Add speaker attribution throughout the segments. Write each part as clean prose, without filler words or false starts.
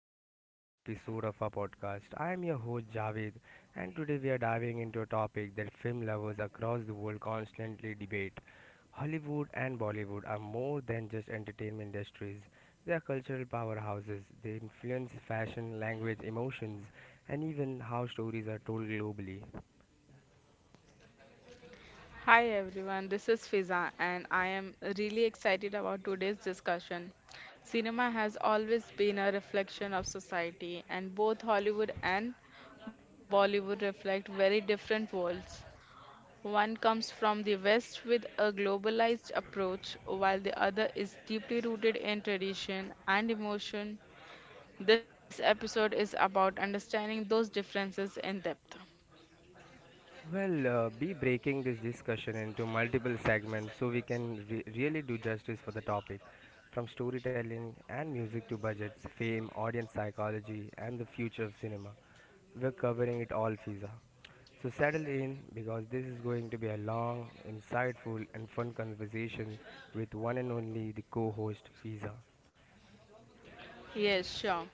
Speaker 1: to a brand new episode of our podcast. I am your host Javed, and today we are diving into a topic that film lovers across the world constantly debate. Hollywood and Bollywood are more than just entertainment industries. They are cultural powerhouses. They influence fashion, language, emotions, and even how stories are told globally.
Speaker 2: Hi everyone, this is Fiza and I am really excited about today's discussion. Cinema has always been a reflection of society and both Hollywood and Bollywood reflect very different worlds. One comes from the West with a globalized approach while the other is deeply rooted in tradition and emotion. This episode is about understanding those differences in depth.
Speaker 1: Be breaking this discussion into multiple segments so we can really do justice for the topic. From storytelling and music to budgets, fame, audience psychology, and the future of cinema. We're covering it all, Fiza. So settle in because this is going to be a long, insightful, and fun conversation with one and only the co host, Fiza.
Speaker 2: Yes, sure.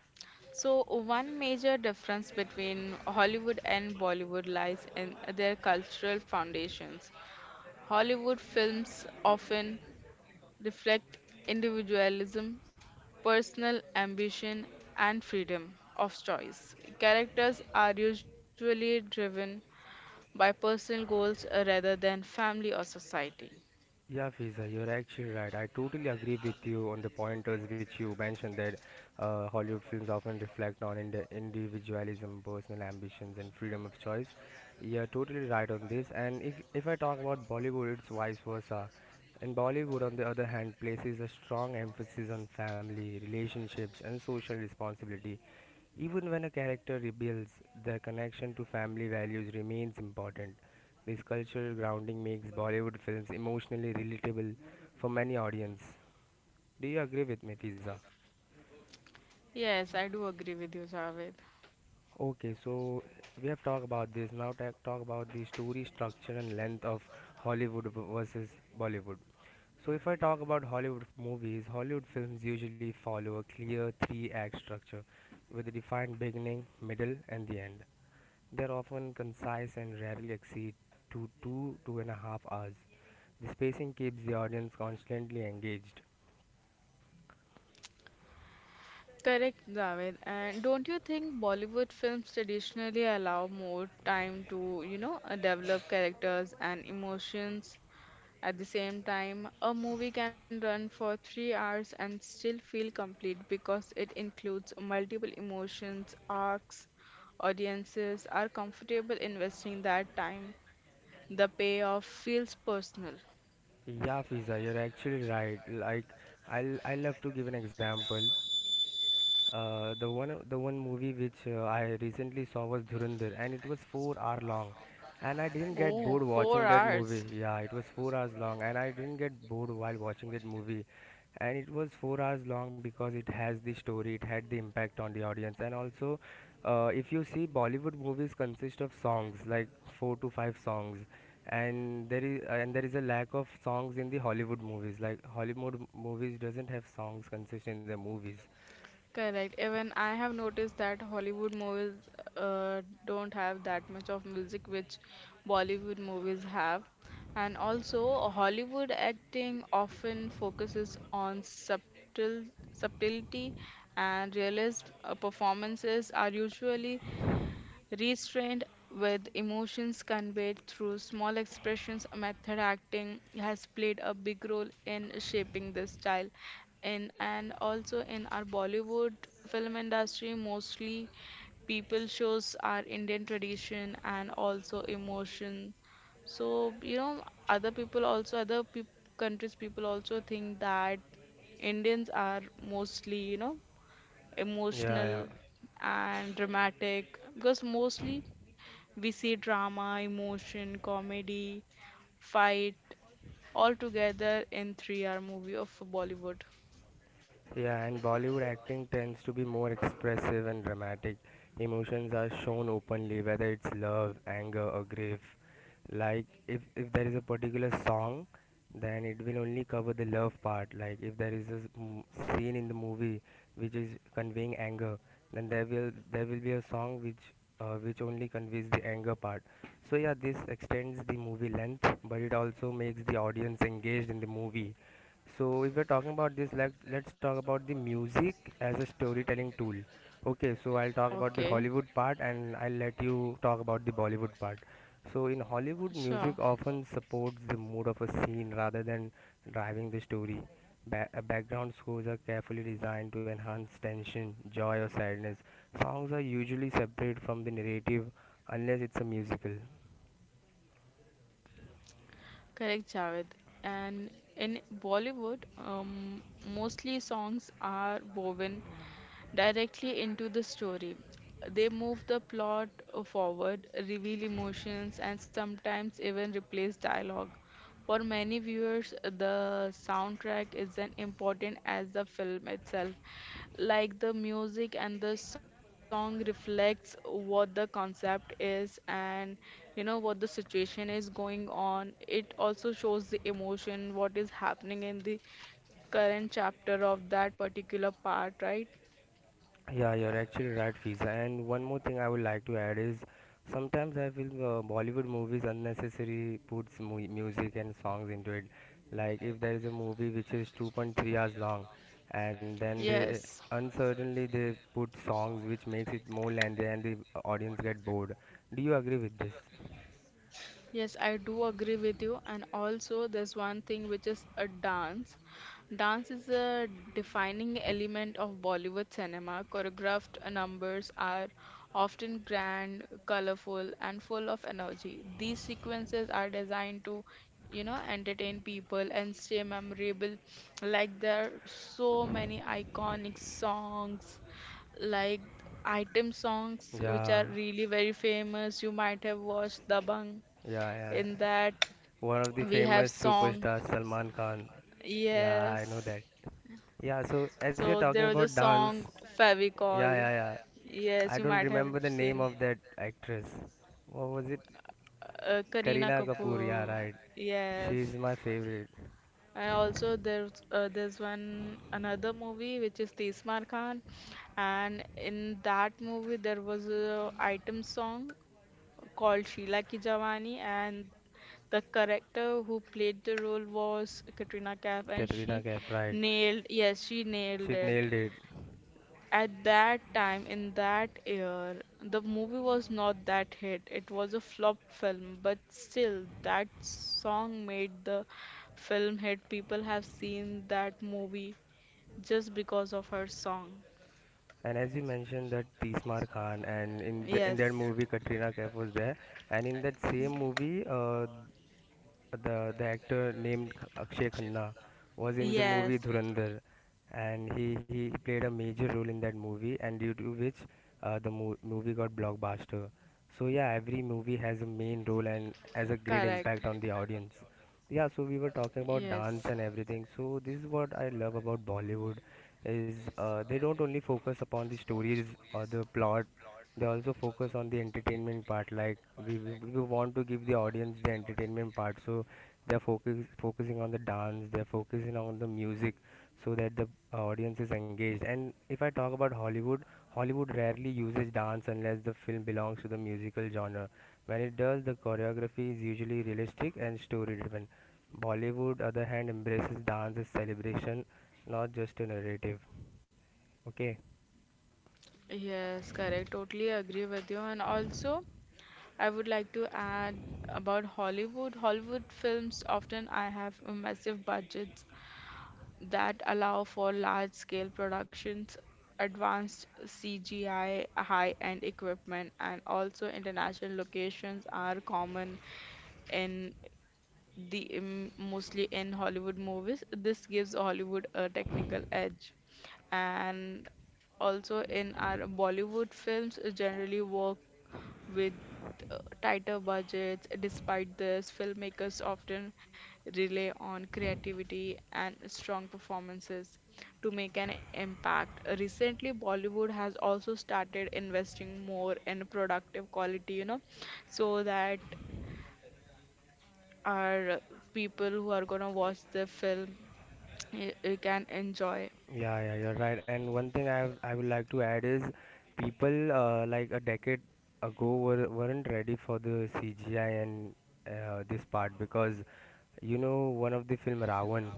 Speaker 2: So, one major difference between Hollywood and Bollywood lies in their cultural foundations. Hollywood films often reflect individualism, personal ambition, and freedom of choice. Characters are usually driven by personal goals rather than family or society.
Speaker 1: Yeah, Fiza, you're actually right. I totally agree with you on the pointers which you mentioned that Hollywood films often reflect on individualism, personal ambitions, and freedom of choice. You're totally right on this. And if I talk about Bollywood, it's vice versa. In Bollywood, on the other hand, places a strong emphasis on family, relationships, and social responsibility. Even when a character rebels, their connection to family values remains important. This cultural grounding makes Bollywood films emotionally relatable for many audience. Do you agree with me, Fiza?
Speaker 2: Yes, I do agree with you, Javed.
Speaker 1: Okay, so we have talked about this. Now talk about the story structure and length of Hollywood versus Bollywood. So if I talk about Hollywood movies, Hollywood films usually follow a clear three-act structure with a defined beginning, middle, and the end. They're often concise and rarely exceed to 2.5 hours. The spacing keeps the audience constantly engaged.
Speaker 2: Correct, Javed. And don't you think Bollywood films traditionally allow more time to, develop characters and emotions at the same time? A movie can run for 3 hours and still feel complete because it includes multiple emotions, arcs. Audiences are comfortable investing that time. The payoff feels personal.
Speaker 1: Yeah, Fiza, you're actually right. Like, I'll have to give an example. The one movie which I recently saw was Dhurandhar, and it was 4 hour long, and I didn't get
Speaker 2: Oh,
Speaker 1: bored
Speaker 2: four
Speaker 1: watching that
Speaker 2: hours.
Speaker 1: movie. Yeah, it was 4 hours long, and I didn't get bored while watching that movie, and it was 4 hours long because it has the story, it had the impact on the audience, and also, if you see Bollywood movies consist of songs like 4 to 5 songs, and there is a lack of songs in the Hollywood movies. Like Hollywood movies doesn't have songs consist in their movies.
Speaker 2: Correct. Even I have noticed that Hollywood movies don't have that much of music which Bollywood movies have. And also, Hollywood acting often focuses on subtlety and realist performances are usually restrained, with emotions conveyed through small expressions. Method acting has played a big role in shaping this style. In and also in our Bollywood film industry, mostly people shows our Indian tradition and also emotion. So you know, other people also other peop countries people also think that Indians are mostly, you know,
Speaker 1: Yeah,
Speaker 2: emotional and dramatic, because mostly we see drama, emotion, comedy, fight all together in 3-hour movie of Bollywood.
Speaker 1: yeah, yeah. And Bollywood acting tends to be more expressive and dramatic. Emotions are shown openly, whether it's love, anger, or grief. Like if there is a particular song, then it will only cover the love part. Like if there is a scene in the movie which is conveying anger, then there will be a song which only conveys the anger part. So yeah, this extends the movie length, but it also makes the audience engaged in the movie. So if we're talking about this, let's talk about the music as a storytelling tool. Okay, so I'll talk about the
Speaker 2: Okay,
Speaker 1: Hollywood part and I'll let you talk about the Bollywood part. So in Hollywood, music
Speaker 2: sure.
Speaker 1: often supports the mood of a scene rather than driving the story. Background scores are carefully designed to enhance tension, joy, or sadness. Songs are usually separate from the narrative unless it's a musical.
Speaker 2: Correct, Javed. And in Bollywood, mostly songs are woven directly into the story. They move the plot forward, reveal emotions, and sometimes even replace dialogue. For many viewers, the soundtrack is as important as the film itself. Like the music and the song reflects what the concept is and you know what the situation is going on. It also shows the emotion, what is happening in the current chapter of that particular part, right?
Speaker 1: Yeah, you're actually right, Fiza. And one more thing I would like to add is sometimes I feel Bollywood movies unnecessary puts music and songs into it. Like if there is a movie which is 2.3 hours long and then they
Speaker 2: Yes,
Speaker 1: uncertainly they put songs which makes it more lengthy and the audience get bored. Do you agree with this?
Speaker 2: yes, I do agree with you. And also, there's one thing which is a dance. Dance is a defining element of Bollywood cinema. Choreographed numbers are often grand, colorful, and full of energy. These sequences are designed to, you know, entertain people and stay memorable. Like there are so many iconic songs like item songs which
Speaker 1: Yeah,
Speaker 2: are really very famous. You might have watched Dabang.
Speaker 1: yeah, yeah.
Speaker 2: In that,
Speaker 1: One of the
Speaker 2: we have
Speaker 1: famous
Speaker 2: song.
Speaker 1: superstars, Salman Khan. Yeah, I know
Speaker 2: Yes.
Speaker 1: that. Yeah, so as you're
Speaker 2: So
Speaker 1: talking
Speaker 2: there was a
Speaker 1: about dance,
Speaker 2: song
Speaker 1: yeah, yeah,
Speaker 2: Fevicol.
Speaker 1: yeah. I
Speaker 2: Yes, you
Speaker 1: don't
Speaker 2: might have
Speaker 1: remember the name
Speaker 2: seen.
Speaker 1: of that actress. What was it?
Speaker 2: Kareena
Speaker 1: Kareena Kapoor. Yeah,
Speaker 2: Kapoor.
Speaker 1: right.
Speaker 2: Yes.
Speaker 1: She's my favorite.
Speaker 2: And also there's one another movie which is Tismar Khan, and in that movie there was a item song called Sheila Ki Jawani, and the character who played the role was Katrina Kaif, and she
Speaker 1: Katrina Kaif. Right.
Speaker 2: nailed yes, she nailed
Speaker 1: She
Speaker 2: it.
Speaker 1: nailed it.
Speaker 2: At that time, in that year, the movie was not that hit. It was a flop film, but still, that song made the film hit. People have seen that movie just because of her song.
Speaker 1: And as you mentioned that Tismar Khan and
Speaker 2: Yes.
Speaker 1: in that movie Katrina Kaif was there. And in that same movie, the actor named Akshay Khanna was in the
Speaker 2: Yes.
Speaker 1: movie Dhurandhar, and he played a major role in that movie, and due to which the movie got blockbuster. So yeah, every movie has a main role and has a great
Speaker 2: Correct.
Speaker 1: impact on the audience. Yeah, so we were talking about
Speaker 2: Yes.
Speaker 1: dance and everything. So this is what I love about Bollywood is they don't only focus upon the stories or the plot. They also focus on the entertainment part. Like we want to give the audience the entertainment part, so they're focusing on the dance. They're focusing on the music, so that the audience is engaged. And if I talk about Hollywood, Hollywood rarely uses dance unless the film belongs to the musical genre. When it does, the choreography is usually realistic and story-driven. Bollywood, other hand, embraces dance as celebration, not just a narrative. Okay.
Speaker 2: Yes, correct. Totally agree with you. And also, I would like to add about Hollywood. Hollywood films often I have a massive budget that allow for large-scale productions, advanced CGI, high-end equipment, and also international locations are common in mostly in Hollywood movies. This gives Hollywood a technical edge, and also in our Bollywood films generally work with tighter budgets. Despite this, filmmakers often rely on creativity and strong performances to make an impact. Recently, Bollywood has also started investing more in productive quality, you know, so that our people who are gonna watch the film can enjoy.
Speaker 1: Yeah, yeah, you're right. And one thing I would like to add is people like a decade ago weren't ready for the CGI and this part because you know one of the film Ravan,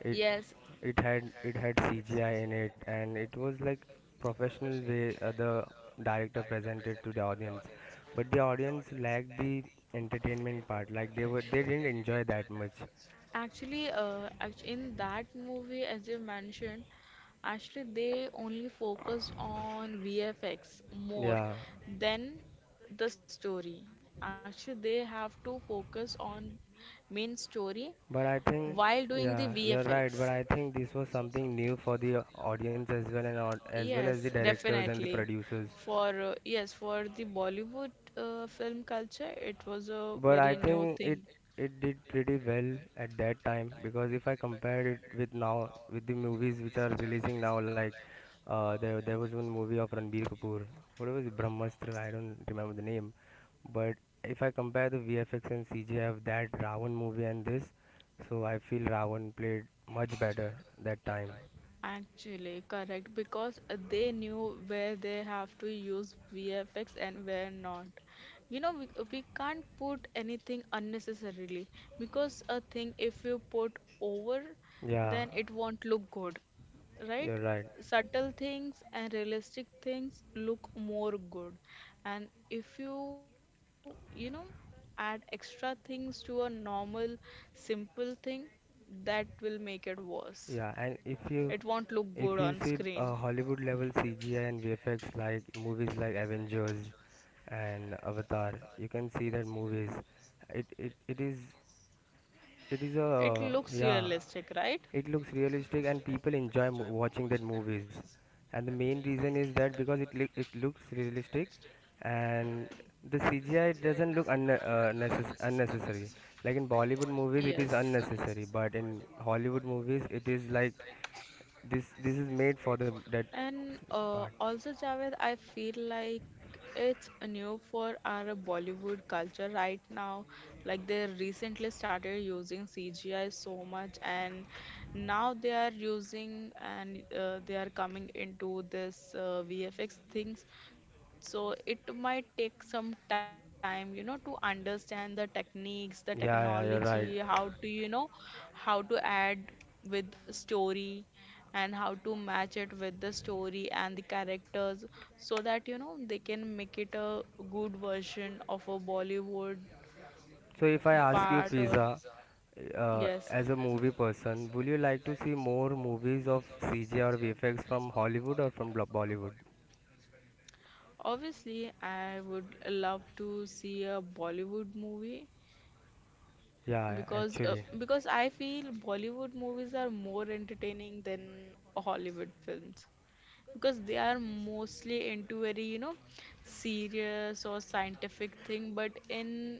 Speaker 1: it
Speaker 2: Yes,
Speaker 1: it had CGI in it and it was like professional way the director presented to the audience, but the audience lacked the entertainment part. Like they didn't enjoy that much.
Speaker 2: actually, in that movie, as you mentioned, actually, they only focused on VFX more
Speaker 1: Yeah.
Speaker 2: than the story. Actually, they have to focus on main story
Speaker 1: But I think,
Speaker 2: while doing the
Speaker 1: yeah, you're right.
Speaker 2: VFX.
Speaker 1: But I think this was something new for the audience as well, and as well as
Speaker 2: Yes,
Speaker 1: the directors and the
Speaker 2: definitely.
Speaker 1: producers.
Speaker 2: For the Bollywood film culture, it was a
Speaker 1: But I
Speaker 2: very new
Speaker 1: think
Speaker 2: thing.
Speaker 1: it did pretty well at that time because if I compare it with now with the movies which are releasing now, like there was one movie of Ranbir Kapoor, what was it, Brahmastra? I don't remember the name. But if I compare the VFX and CGI of that Ravan movie and this, so I feel Ravan played much better that time.
Speaker 2: Actually, correct, because they knew where they have to use VFX and where not. You know, we can't put anything unnecessarily, because a thing, if you put over,
Speaker 1: Yeah,
Speaker 2: then it won't look good, right?
Speaker 1: you're right.
Speaker 2: Subtle things and realistic things look more good. And if you, you know, add extra things to a normal, simple thing, that will make it worse.
Speaker 1: Yeah, and
Speaker 2: It won't look good on
Speaker 1: if you see
Speaker 2: screen.
Speaker 1: Hollywood level CGI and VFX like movies like Avengers and Avatar, you can see that movies it is. It is
Speaker 2: It
Speaker 1: a
Speaker 2: looks
Speaker 1: yeah.
Speaker 2: realistic, right?
Speaker 1: It looks realistic and people enjoy watching that movies. And the main reason is that because it looks realistic, and the CGI doesn't look unnecessary. Like in Bollywood movies, it is
Speaker 2: Yes.
Speaker 1: unnecessary, but in Hollywood movies, it is like this. This is made for the that
Speaker 2: And
Speaker 1: part.
Speaker 2: also, Javed, I feel like it's new for our Bollywood culture right now. Like they recently started using CGI so much, and now they are coming into this VFX things, so it might take some time, you know, to understand the techniques, the
Speaker 1: Yeah, yeah, you're
Speaker 2: technology,
Speaker 1: right.
Speaker 2: how to, you know, how to add with story how to match it with the story and the characters, so that, you know, they can make it a good version of a Bollywood
Speaker 1: So if I ask you,
Speaker 2: part or
Speaker 1: Fiza,
Speaker 2: yes.
Speaker 1: as a movie person, would you like to see more movies of CG or VFX from Hollywood or from Bollywood?
Speaker 2: Obviously, I would love to see a Bollywood movie
Speaker 1: Yeah,
Speaker 2: because
Speaker 1: actually.
Speaker 2: I feel Bollywood movies are more entertaining than Hollywood films, because they are mostly into very, you know, serious or scientific thing, but in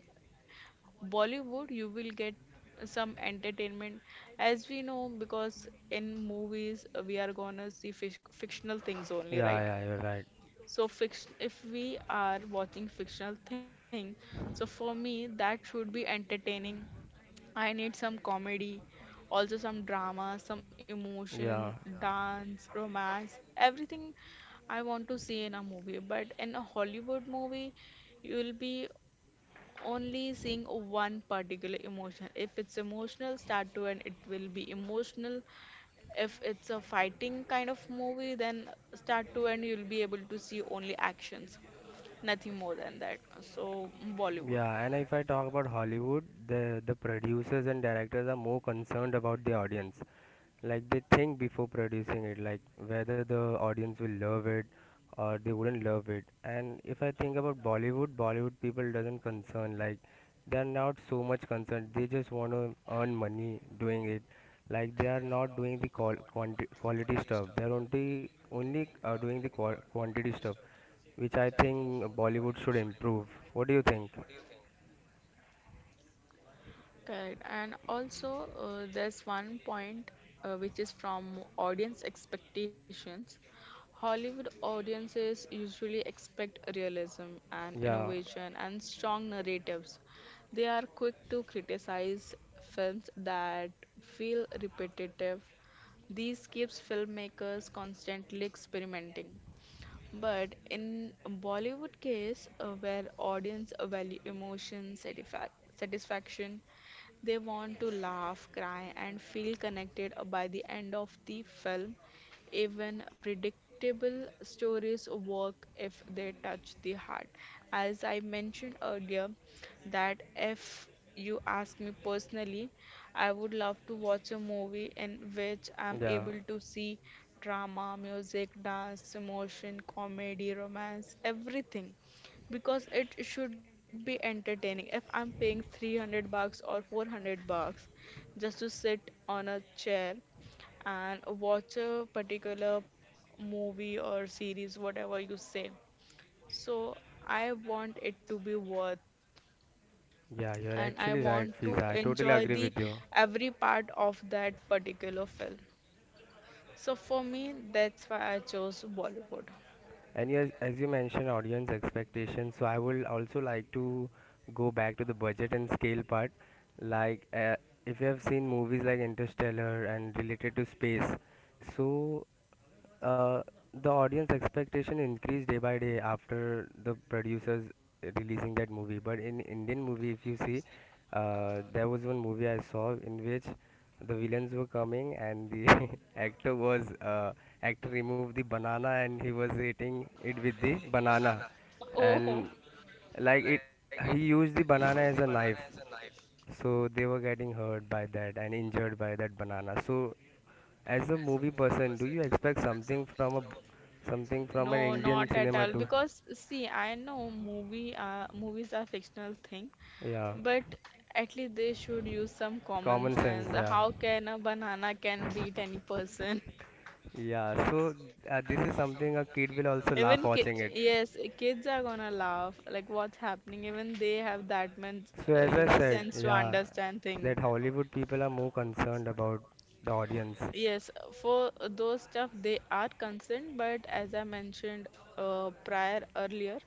Speaker 2: Bollywood you will get some entertainment. As we know, because in movies we are gonna see fictional things only,
Speaker 1: Yeah,
Speaker 2: right?
Speaker 1: yeah, you're right.
Speaker 2: So fiction, if we are watching fictional thing, so for me that should be entertaining. I need some comedy, also some drama, some emotion,
Speaker 1: Yeah.
Speaker 2: dance, romance, everything I want to see in a movie. But in a Hollywood movie, you'll be only seeing one particular emotion. If it's emotional, start to end, it will be emotional. If it's a fighting kind of movie, then start to end, you'll be able to see only actions, nothing more than that. So, Bollywood.
Speaker 1: Yeah, and if I talk about Hollywood, the producers and directors are more concerned about the audience. Like they think before producing it, like whether the audience will love it or they wouldn't love it. And if I think about Bollywood, Bollywood people doesn't concern like they are not so much concerned. They just want to earn money doing it. Like they are not doing the quality stuff. They are only doing the quantity stuff, which I think Bollywood should improve. What do you think?
Speaker 2: Correct. And also, there's one point which is from audience expectations. Hollywood audiences usually expect realism and
Speaker 1: Yeah,
Speaker 2: innovation and strong narratives. They are quick to criticize films that feel repetitive. This keeps filmmakers constantly experimenting. But in Bollywood case, where audience value emotion, satisfaction, they want to laugh, cry, and feel connected by the end of the film. Even predictable stories work if they touch the heart. As I mentioned earlier, that if you ask me personally, I would love to watch a movie in which I'm
Speaker 1: yeah,
Speaker 2: able to see drama, music, dance, emotion, comedy, romance, everything. Because it should be entertaining. If I'm paying 300 bucks or 400 bucks just to sit on a chair and watch a particular movie or series, whatever you say. So I want it to be worth,
Speaker 1: yeah, you're
Speaker 2: and I
Speaker 1: actually right,
Speaker 2: want to
Speaker 1: Fiza. I totally
Speaker 2: enjoy
Speaker 1: agree
Speaker 2: the
Speaker 1: with you.
Speaker 2: every part of that particular film. So for me, that's why I chose Bollywood.
Speaker 1: And yes, as you mentioned, audience expectations, so I would also like to go back to the budget and scale part. Like, uh, if you have seen movies like Interstellar and related to space, so uh, the audience expectation increased day by day after the producers releasing that movie. But in Indian movie, if you see, there was one movie I saw in which the villains were coming and the actor was actor removed the banana and he was eating it with the banana and
Speaker 2: Oh,
Speaker 1: like it he used the banana as a knife, so they were getting hurt by that and injured by that banana. So as a movie person, do you expect something from a something from an
Speaker 2: no,
Speaker 1: Indian
Speaker 2: not at
Speaker 1: cinema
Speaker 2: all.
Speaker 1: too?
Speaker 2: Because see, I know movies are fictional thing,
Speaker 1: Yeah,
Speaker 2: but at least they should use some common
Speaker 1: common sense,
Speaker 2: sense.
Speaker 1: yeah.
Speaker 2: How can a banana can beat any person?
Speaker 1: Yeah, so this is something a kid will also laugh
Speaker 2: Even ki
Speaker 1: watching it.
Speaker 2: yes, kids are gonna laugh. Like what's happening? Even they have that much,
Speaker 1: So as
Speaker 2: you
Speaker 1: I
Speaker 2: know,
Speaker 1: said,
Speaker 2: sense to
Speaker 1: yeah,
Speaker 2: understand things.
Speaker 1: that Hollywood people are more concerned about the audience.
Speaker 2: Yes, for those stuff they are concerned, but as I mentioned prior earlier,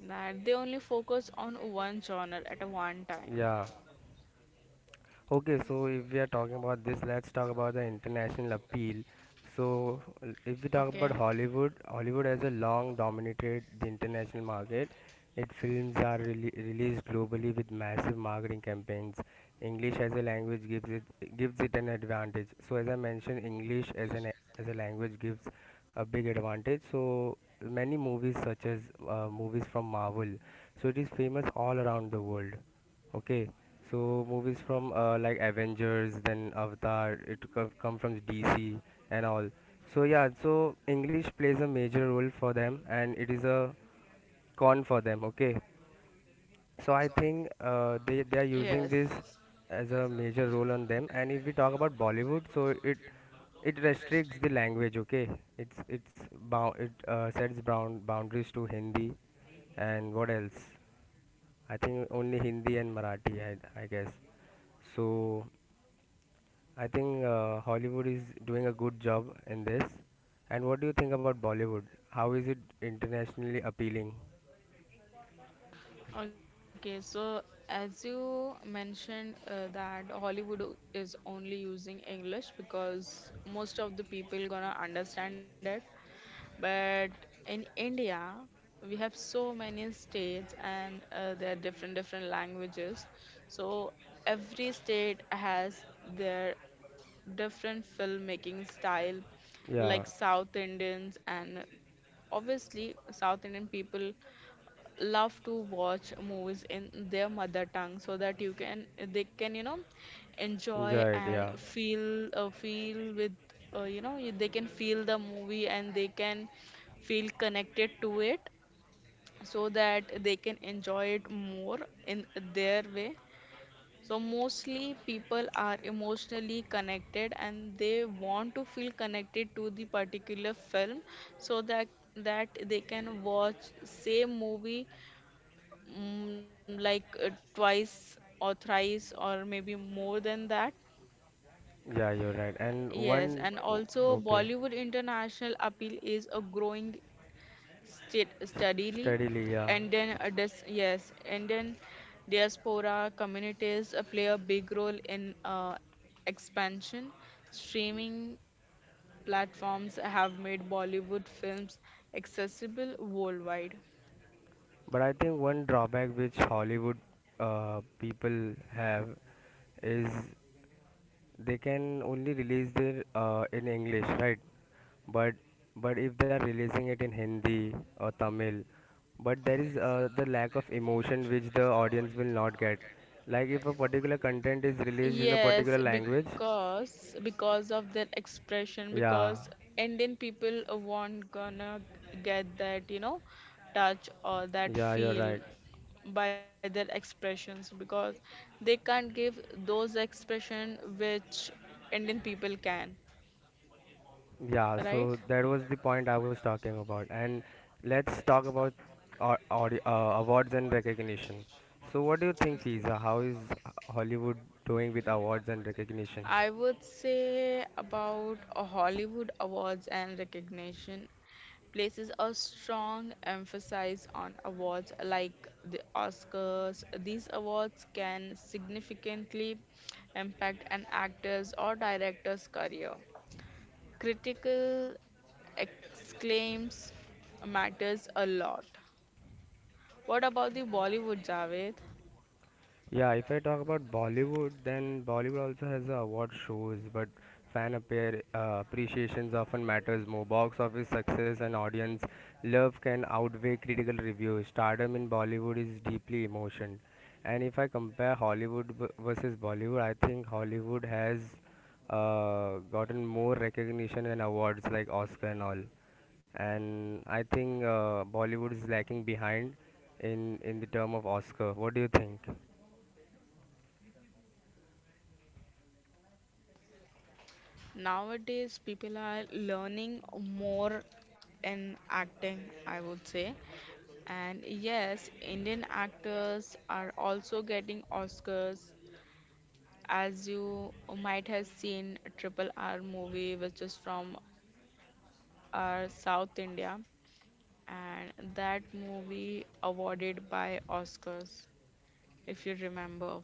Speaker 2: that they only focus on one genre at a one time.
Speaker 1: Yeah. Okay, so if we are talking about this, let's talk about the international appeal. So, if we talk
Speaker 2: Okay.
Speaker 1: about Hollywood, Hollywood has a long dominated the international market. Its films are released globally with massive marketing campaigns. English as a language gives it an advantage. So, as I mentioned, English as an as a language gives a big advantage. So, many movies such as movies from Marvel, so it is famous all around the world. Okay, so movies from like Avengers, then Avatar, it come from DC and all. So yeah, so English plays a major role for them, and it is a con for them. Okay, so I think they are using
Speaker 2: Yes.
Speaker 1: this as a major role on them. And if we talk about Bollywood, so it restricts the language. Okay, it's bound it sets bound boundaries to Hindi and what else? I think only Hindi and Marathi. I guess. So I think Hollywood is doing a good job in this. And what do you think about Bollywood? How is it internationally appealing?
Speaker 2: Okay, so as you mentioned that Hollywood is only using English because most of the people gonna understand it. But in India, we have so many states and there are different different languages. So every state has their different filmmaking style,
Speaker 1: Yeah,
Speaker 2: like South Indians and obviously South Indian people love to watch movies in their mother tongue, so that you can they can, you know, enjoy
Speaker 1: enjoy it.
Speaker 2: and
Speaker 1: Yeah.
Speaker 2: feel with, you know, they can feel the movie and they can feel connected to it, so that they can enjoy it more in their way. So mostly people are emotionally connected and they want to feel connected to the particular film, so that they can watch same movie, mm, like uh, twice or thrice or maybe more than that.
Speaker 1: Yeah, you're right. And
Speaker 2: Yes,
Speaker 1: one,
Speaker 2: and also
Speaker 1: okay,
Speaker 2: Bollywood international appeal is a growing state steadily,
Speaker 1: steadily, yeah.
Speaker 2: and then dis yes, and then diaspora communities play a big role in expansion. Streaming platforms have made Bollywood films accessible worldwide.
Speaker 1: But I think one drawback which Hollywood people have is they can only release their in English, right? But but if they are releasing it in Hindi or Tamil, but there is the lack of emotion which the audience will not get. Like if a particular content is released in a
Speaker 2: Yes,
Speaker 1: particular language,
Speaker 2: because of their expression,
Speaker 1: yeah,
Speaker 2: because Indian people won't gonna get that, you know, touch or that
Speaker 1: yeah, you're
Speaker 2: feel
Speaker 1: right.
Speaker 2: by their expressions, because they can't give those expression which Indian people can,
Speaker 1: Yeah, so
Speaker 2: right?
Speaker 1: that was the point I was talking about. And let's talk about awards and recognition. So, what do you think, Fiza? How is Hollywood doing with awards and recognition?
Speaker 2: I would say about a Hollywood awards and recognition. Places a strong emphasis on awards like the Oscars. These awards can significantly impact an actor's or director's career. Critical exclaims matters a lot. What about the Bollywood, Javed?
Speaker 1: Yeah, if I talk about Bollywood, then Bollywood also has a award shows, but appreciations often matters more. Box office success and audience love can outweigh critical reviews. Stardom in Bollywood is deeply emotion, and if I compare Hollywood versus Bollywood, I think Hollywood has gotten more recognition and awards like Oscar and all. And I think Bollywood is lacking behind in the term of Oscar. What do you think?
Speaker 2: Nowadays, people are learning more in acting, I would say. And yes, Indian actors are also getting Oscars. As you might have seen, Triple R movie, which is from our South India, and that movie awarded by Oscars, if you remember.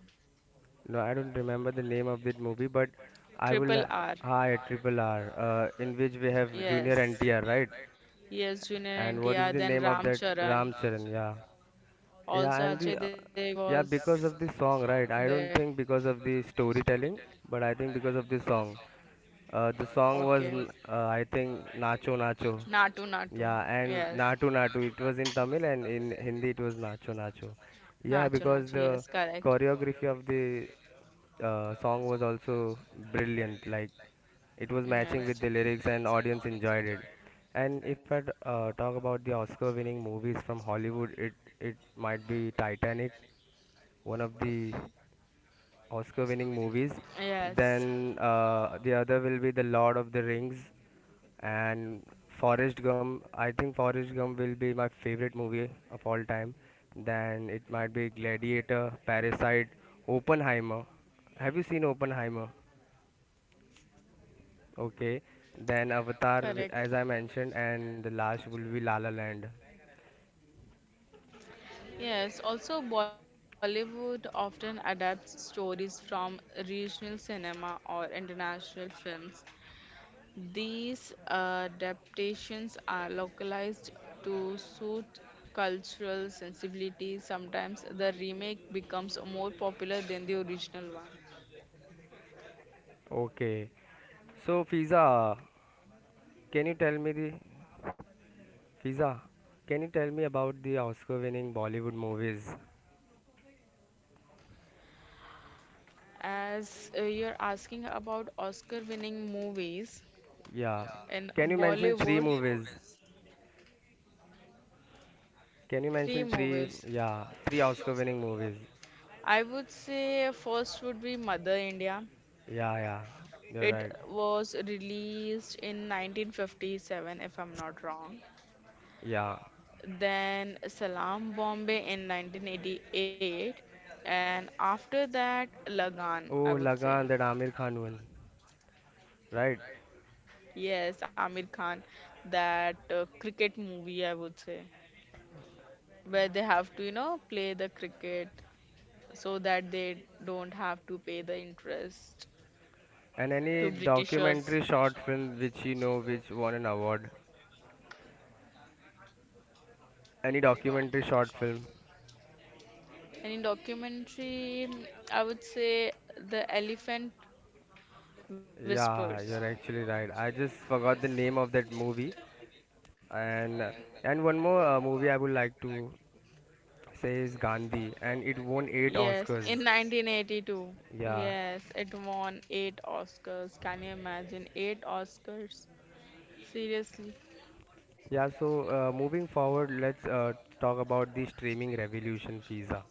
Speaker 1: No, I don't remember the name of that movie, but I will.
Speaker 2: Triple R,
Speaker 1: Hi, Triple R, in which we have Junior
Speaker 2: yes,
Speaker 1: NTR, right?
Speaker 2: yes, Junior
Speaker 1: And what is
Speaker 2: NTR,
Speaker 1: the
Speaker 2: then
Speaker 1: name of
Speaker 2: Ram
Speaker 1: that
Speaker 2: Charan,
Speaker 1: Ram Charan? Yeah,
Speaker 2: also
Speaker 1: yeah, and
Speaker 2: Ajay
Speaker 1: the,
Speaker 2: Devgn
Speaker 1: yeah,
Speaker 2: was
Speaker 1: because of the song, right? I don't
Speaker 2: there.
Speaker 1: think because of the storytelling, but I think because of the song. The song was,
Speaker 2: Okay.
Speaker 1: I think, Nacho Nacho.
Speaker 2: Natu Natu.
Speaker 1: Yeah,
Speaker 2: Yes.
Speaker 1: and Natu Natu. It was in Tamil and in Hindi it was Nacho Nacho. Yeah,
Speaker 2: Nacho Nacho.
Speaker 1: because
Speaker 2: Yes,
Speaker 1: the
Speaker 2: correct.
Speaker 1: choreography of the song was also brilliant. Like it was matching with the lyrics, and
Speaker 2: Yes.
Speaker 1: audience enjoyed it. And if I talk about the Oscar-winning movies from Hollywood, it might be Titanic, one of the Oscar-winning movies.
Speaker 2: Yes.
Speaker 1: Then the other will be The Lord of the Rings, and Forrest Gump. I think Forrest Gump will be my favorite movie of all time. Then it might be Gladiator, Parasite, Oppenheimer. Have you seen Oppenheimer? Okay, then Avatar,
Speaker 2: Correct.
Speaker 1: as I mentioned, and the last will be La La Land.
Speaker 2: Yes, also Bollywood often adapts stories from regional cinema or international films. These adaptations are localized to suit cultural sensibilities. Sometimes the remake becomes more popular than the original one.
Speaker 1: Okay, so Fiza, can you tell me the Fiza? Can you tell me about the Oscar-winning Bollywood movies?
Speaker 2: As You're asking about Oscar winning movies
Speaker 1: Yeah,
Speaker 2: in
Speaker 1: can you mention three
Speaker 2: Bollywood,
Speaker 1: movies? Can you
Speaker 2: three
Speaker 1: mention three?
Speaker 2: movies.
Speaker 1: Yeah, three Oscar-winning movies.
Speaker 2: I would say first would be Mother India.
Speaker 1: Yeah, yeah, you're
Speaker 2: It
Speaker 1: right.
Speaker 2: was released in 1957, if I'm not wrong.
Speaker 1: Yeah.
Speaker 2: Then Salam Bombay in 1988, and after that, Lagan, I
Speaker 1: Oh,
Speaker 2: would say.
Speaker 1: Lagan, that Amir Khan one, right?
Speaker 2: Yes, Amir Khan, that cricket movie, I would say, where they have to, you know, play the cricket so that they don't have to pay the interest
Speaker 1: And any
Speaker 2: to Britishers.
Speaker 1: documentary short film which you know which won an award? Any documentary short film?
Speaker 2: Any documentary, I would say The Elephant Whispers.
Speaker 1: Yeah, you're actually right. I just forgot the name of that movie. And uh, and one more movie I would like to say is Gandhi, and it won eight
Speaker 2: Yes, in
Speaker 1: Oscars.
Speaker 2: 1982.
Speaker 1: Yeah,
Speaker 2: Yes, it won eight Oscars. Can you imagine? Eight Oscars? Seriously?
Speaker 1: yeah. So moving forward, let's talk about the streaming revolution, Fiza.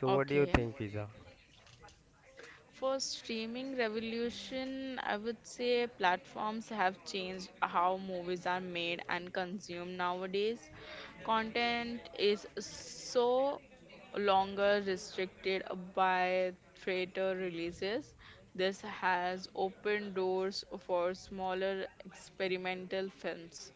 Speaker 1: So what do you think, Fiza?
Speaker 2: For streaming revolution, I would say platforms have changed how movies are made and consumed nowadays. Content is so longer restricted by theater releases. This has opened doors for smaller experimental films.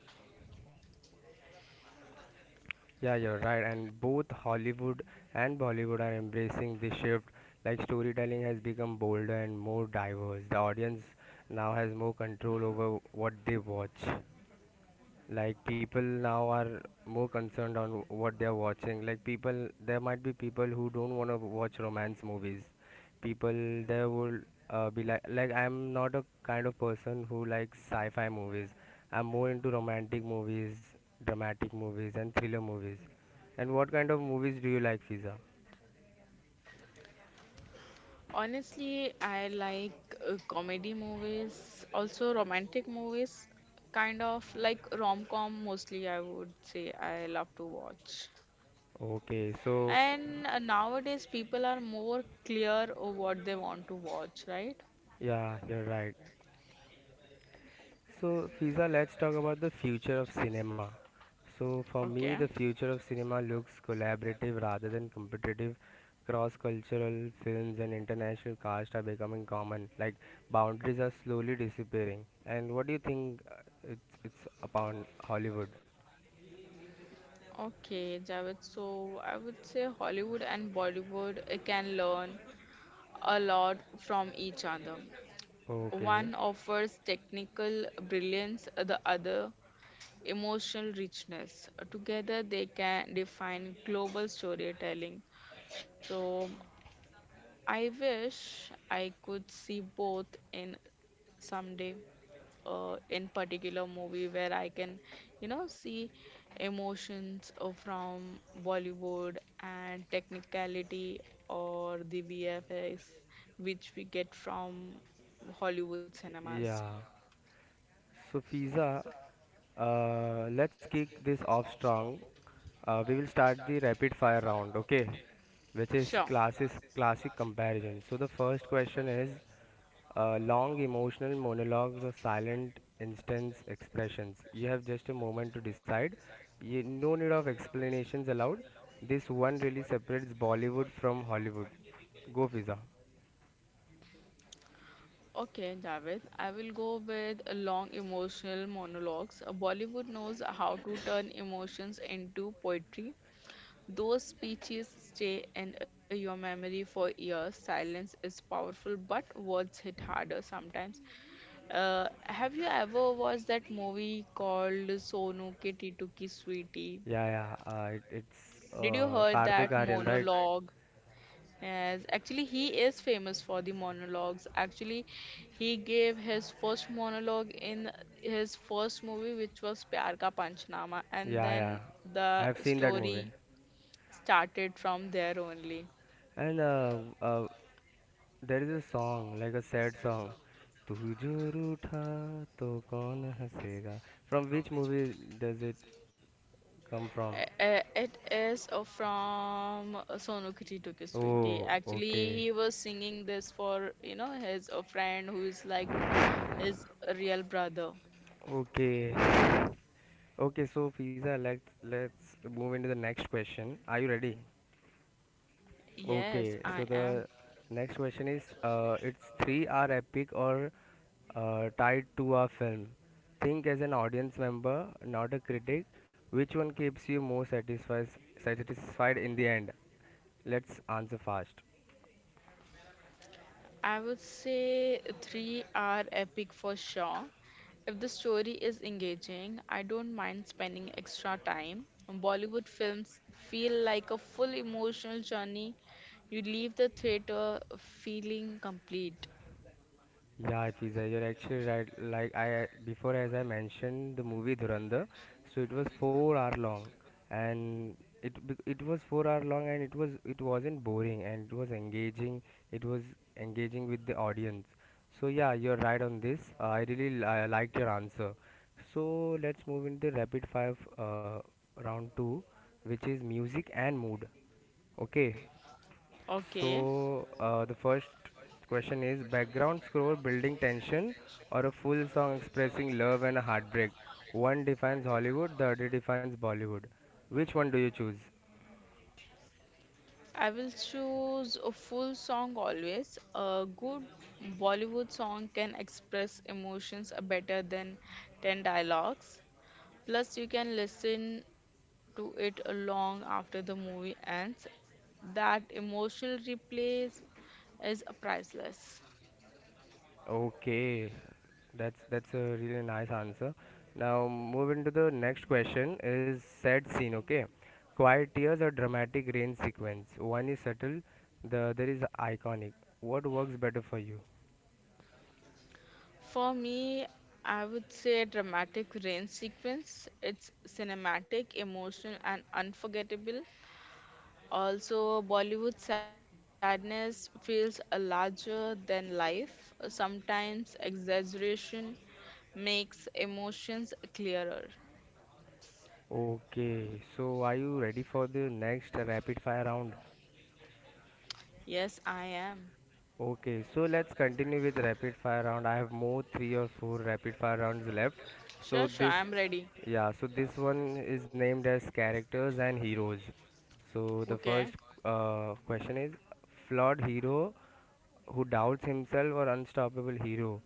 Speaker 1: Yeah, you're right. And both Hollywood and Bollywood are embracing this shift. Like storytelling has become bolder and more diverse. The audience now has more control over what they watch. Like people now are more concerned on what they're watching. Like people, there might be people who don't want to watch romance movies. People, there would be like I'm not a kind of person who likes sci-fi movies. I'm more into romantic movies, dramatic movies and thriller movies. And what kind of movies do you like, Fiza?
Speaker 2: Honestly, I like comedy movies, also romantic movies, kind of like rom-com mostly, I would say I love to watch.
Speaker 1: Okay, so
Speaker 2: And nowadays, people are more clear of what they want to watch, right?
Speaker 1: yeah, you're right. So, Fiza, let's talk about the future of cinema. So, for me,
Speaker 2: Okay.
Speaker 1: the future of cinema looks collaborative rather than competitive. Cross cultural films and international cast are becoming common. Like, boundaries are slowly disappearing. And what do you think it's upon Hollywood?
Speaker 2: Okay, Javed. So I would say Hollywood and Bollywood can learn a lot from each other.
Speaker 1: Okay,
Speaker 2: One offers technical brilliance, the other emotional richness. Together, they can define global storytelling. So, I wish I could see both in someday, in particular movie where I can, you know, see emotions from Bollywood and technicality or the VFX which we get from Hollywood cinemas.
Speaker 1: yeah. So, Fiza, let's kick this off strong. We will start the rapid fire round, okay? Which is
Speaker 2: Sure.
Speaker 1: classes classic comparison. So, the first question is long emotional monologues or silent instance expressions. You have just a moment to decide. No need of explanations allowed. This one really separates Bollywood from Hollywood. Go, Fiza.
Speaker 2: Okay, Javed, I will go with a long emotional monologues. Bollywood knows how to turn emotions into poetry. Those speeches stay in your memory for years. Silence is powerful, but words hit harder sometimes. Have you ever watched that movie called Sonu Ke Titu Ki Sweetie?
Speaker 1: Yeah, yeah. It's
Speaker 2: Did you heard right,
Speaker 1: Karthik Aaryan, right?
Speaker 2: monologue? Yes, actually, he is famous for the monologues. Actually, he gave his first monologue in his first movie, which was Pyar Ka Panchnama, and
Speaker 1: Yeah, yeah.
Speaker 2: then the
Speaker 1: I've seen that movie.
Speaker 2: story started from there only.
Speaker 1: And there is a song, like a sad song. तू जो रूठा तो कौन हंसेगा. From which movie does it come from?
Speaker 2: It is from Sonu Kitty Took Sweetie.
Speaker 1: Oh,
Speaker 2: Actually,
Speaker 1: okay.
Speaker 2: he was singing this for, you know, his a friend who is like his real brother.
Speaker 1: Okay. Okay, so Fiza, let's move into the next question. Are you ready?
Speaker 2: Yes,
Speaker 1: Okay,
Speaker 2: I
Speaker 1: so
Speaker 2: am.
Speaker 1: the next question is it's three are epic or tied to a film. Think as an audience member, not a critic. Which one keeps you more satisfied in the end? Let's answer fast.
Speaker 2: I would say three are epic for sure. If the story is engaging, I don't mind spending extra time. Bollywood films feel like a full emotional journey. You leave the theater feeling complete.
Speaker 1: Yeah, Fiza, you're actually right. Like I before, as I mentioned, the movie Dhurandhar, so it was 4 hour long, and it was 4 hour long, and it wasn't boring, and it was engaging. It was engaging with the audience. So yeah, you're right on this. I liked your answer. So let's move into the rapid five round two, which is music and mood. Okay.
Speaker 2: Okay.
Speaker 1: So the first question is background score building tension or a full song expressing love and heartbreak. One defines Hollywood, the other defines Bollywood. Which one do you choose?
Speaker 2: I will choose a full song always. A good Bollywood song can express emotions better than 10 dialogues. Plus, you can listen to it long after the movie ends. That emotional replay is priceless.
Speaker 1: Okay, that's a really nice answer. Now moving to the next question is sad scene. Okay, quiet tears or dramatic rain sequence. One is subtle, the other is iconic. What works better for you?
Speaker 2: For me, I would say dramatic rain sequence. It's cinematic, emotional, and unforgettable. Also, Bollywood sadness feels a larger than life. Sometimes exaggeration makes emotions clearer.
Speaker 1: Okay, so are you ready for the next rapid fire round?
Speaker 2: Yes, I am.
Speaker 1: Okay, so let's continue with rapid fire round. I have more three or four rapid fire rounds left. So
Speaker 2: Sure, I'm ready.
Speaker 1: yeah, so this one is named as characters and heroes. So the
Speaker 2: Okay.
Speaker 1: first question is flawed hero who doubts himself or unstoppable hero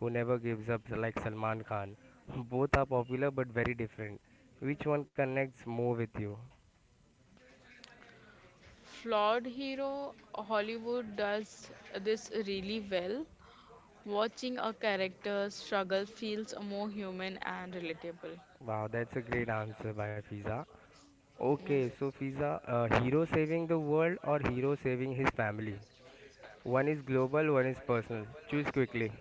Speaker 1: who never gives up like Salman Khan. Both are popular but very different. Which one connects more with you?
Speaker 2: Flawed hero, Hollywood does this really well. Watching a character struggle feels more human and relatable.
Speaker 1: Wow, that's a great answer by Fiza. Okay, so
Speaker 2: Yes.
Speaker 1: Fiza, hero saving the world or hero saving his family? One is global, one is personal. Choose quickly.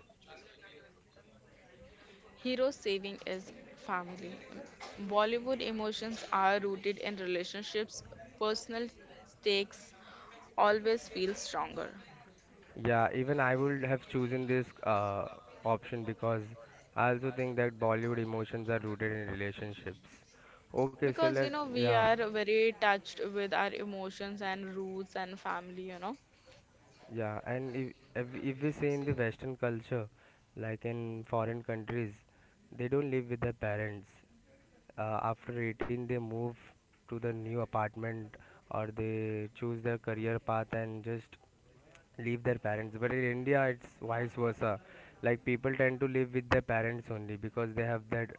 Speaker 2: Hero saving is family. Bollywood emotions are rooted in relationships. Personal stakes always feel stronger.
Speaker 1: Yeah, even I would have chosen this option because I also think that Bollywood emotions are rooted in relationships. Okay, so
Speaker 2: Because,
Speaker 1: let
Speaker 2: you know, we
Speaker 1: yeah.
Speaker 2: are very touched with our emotions and roots and family, you know.
Speaker 1: Yeah, and if we say in the Western culture, like in foreign countries, they don't live with their parents. After 18, they move to the new apartment or they choose their career path and just leave their parents. But in India it's vice versa. Like people tend to live with their parents only because they have that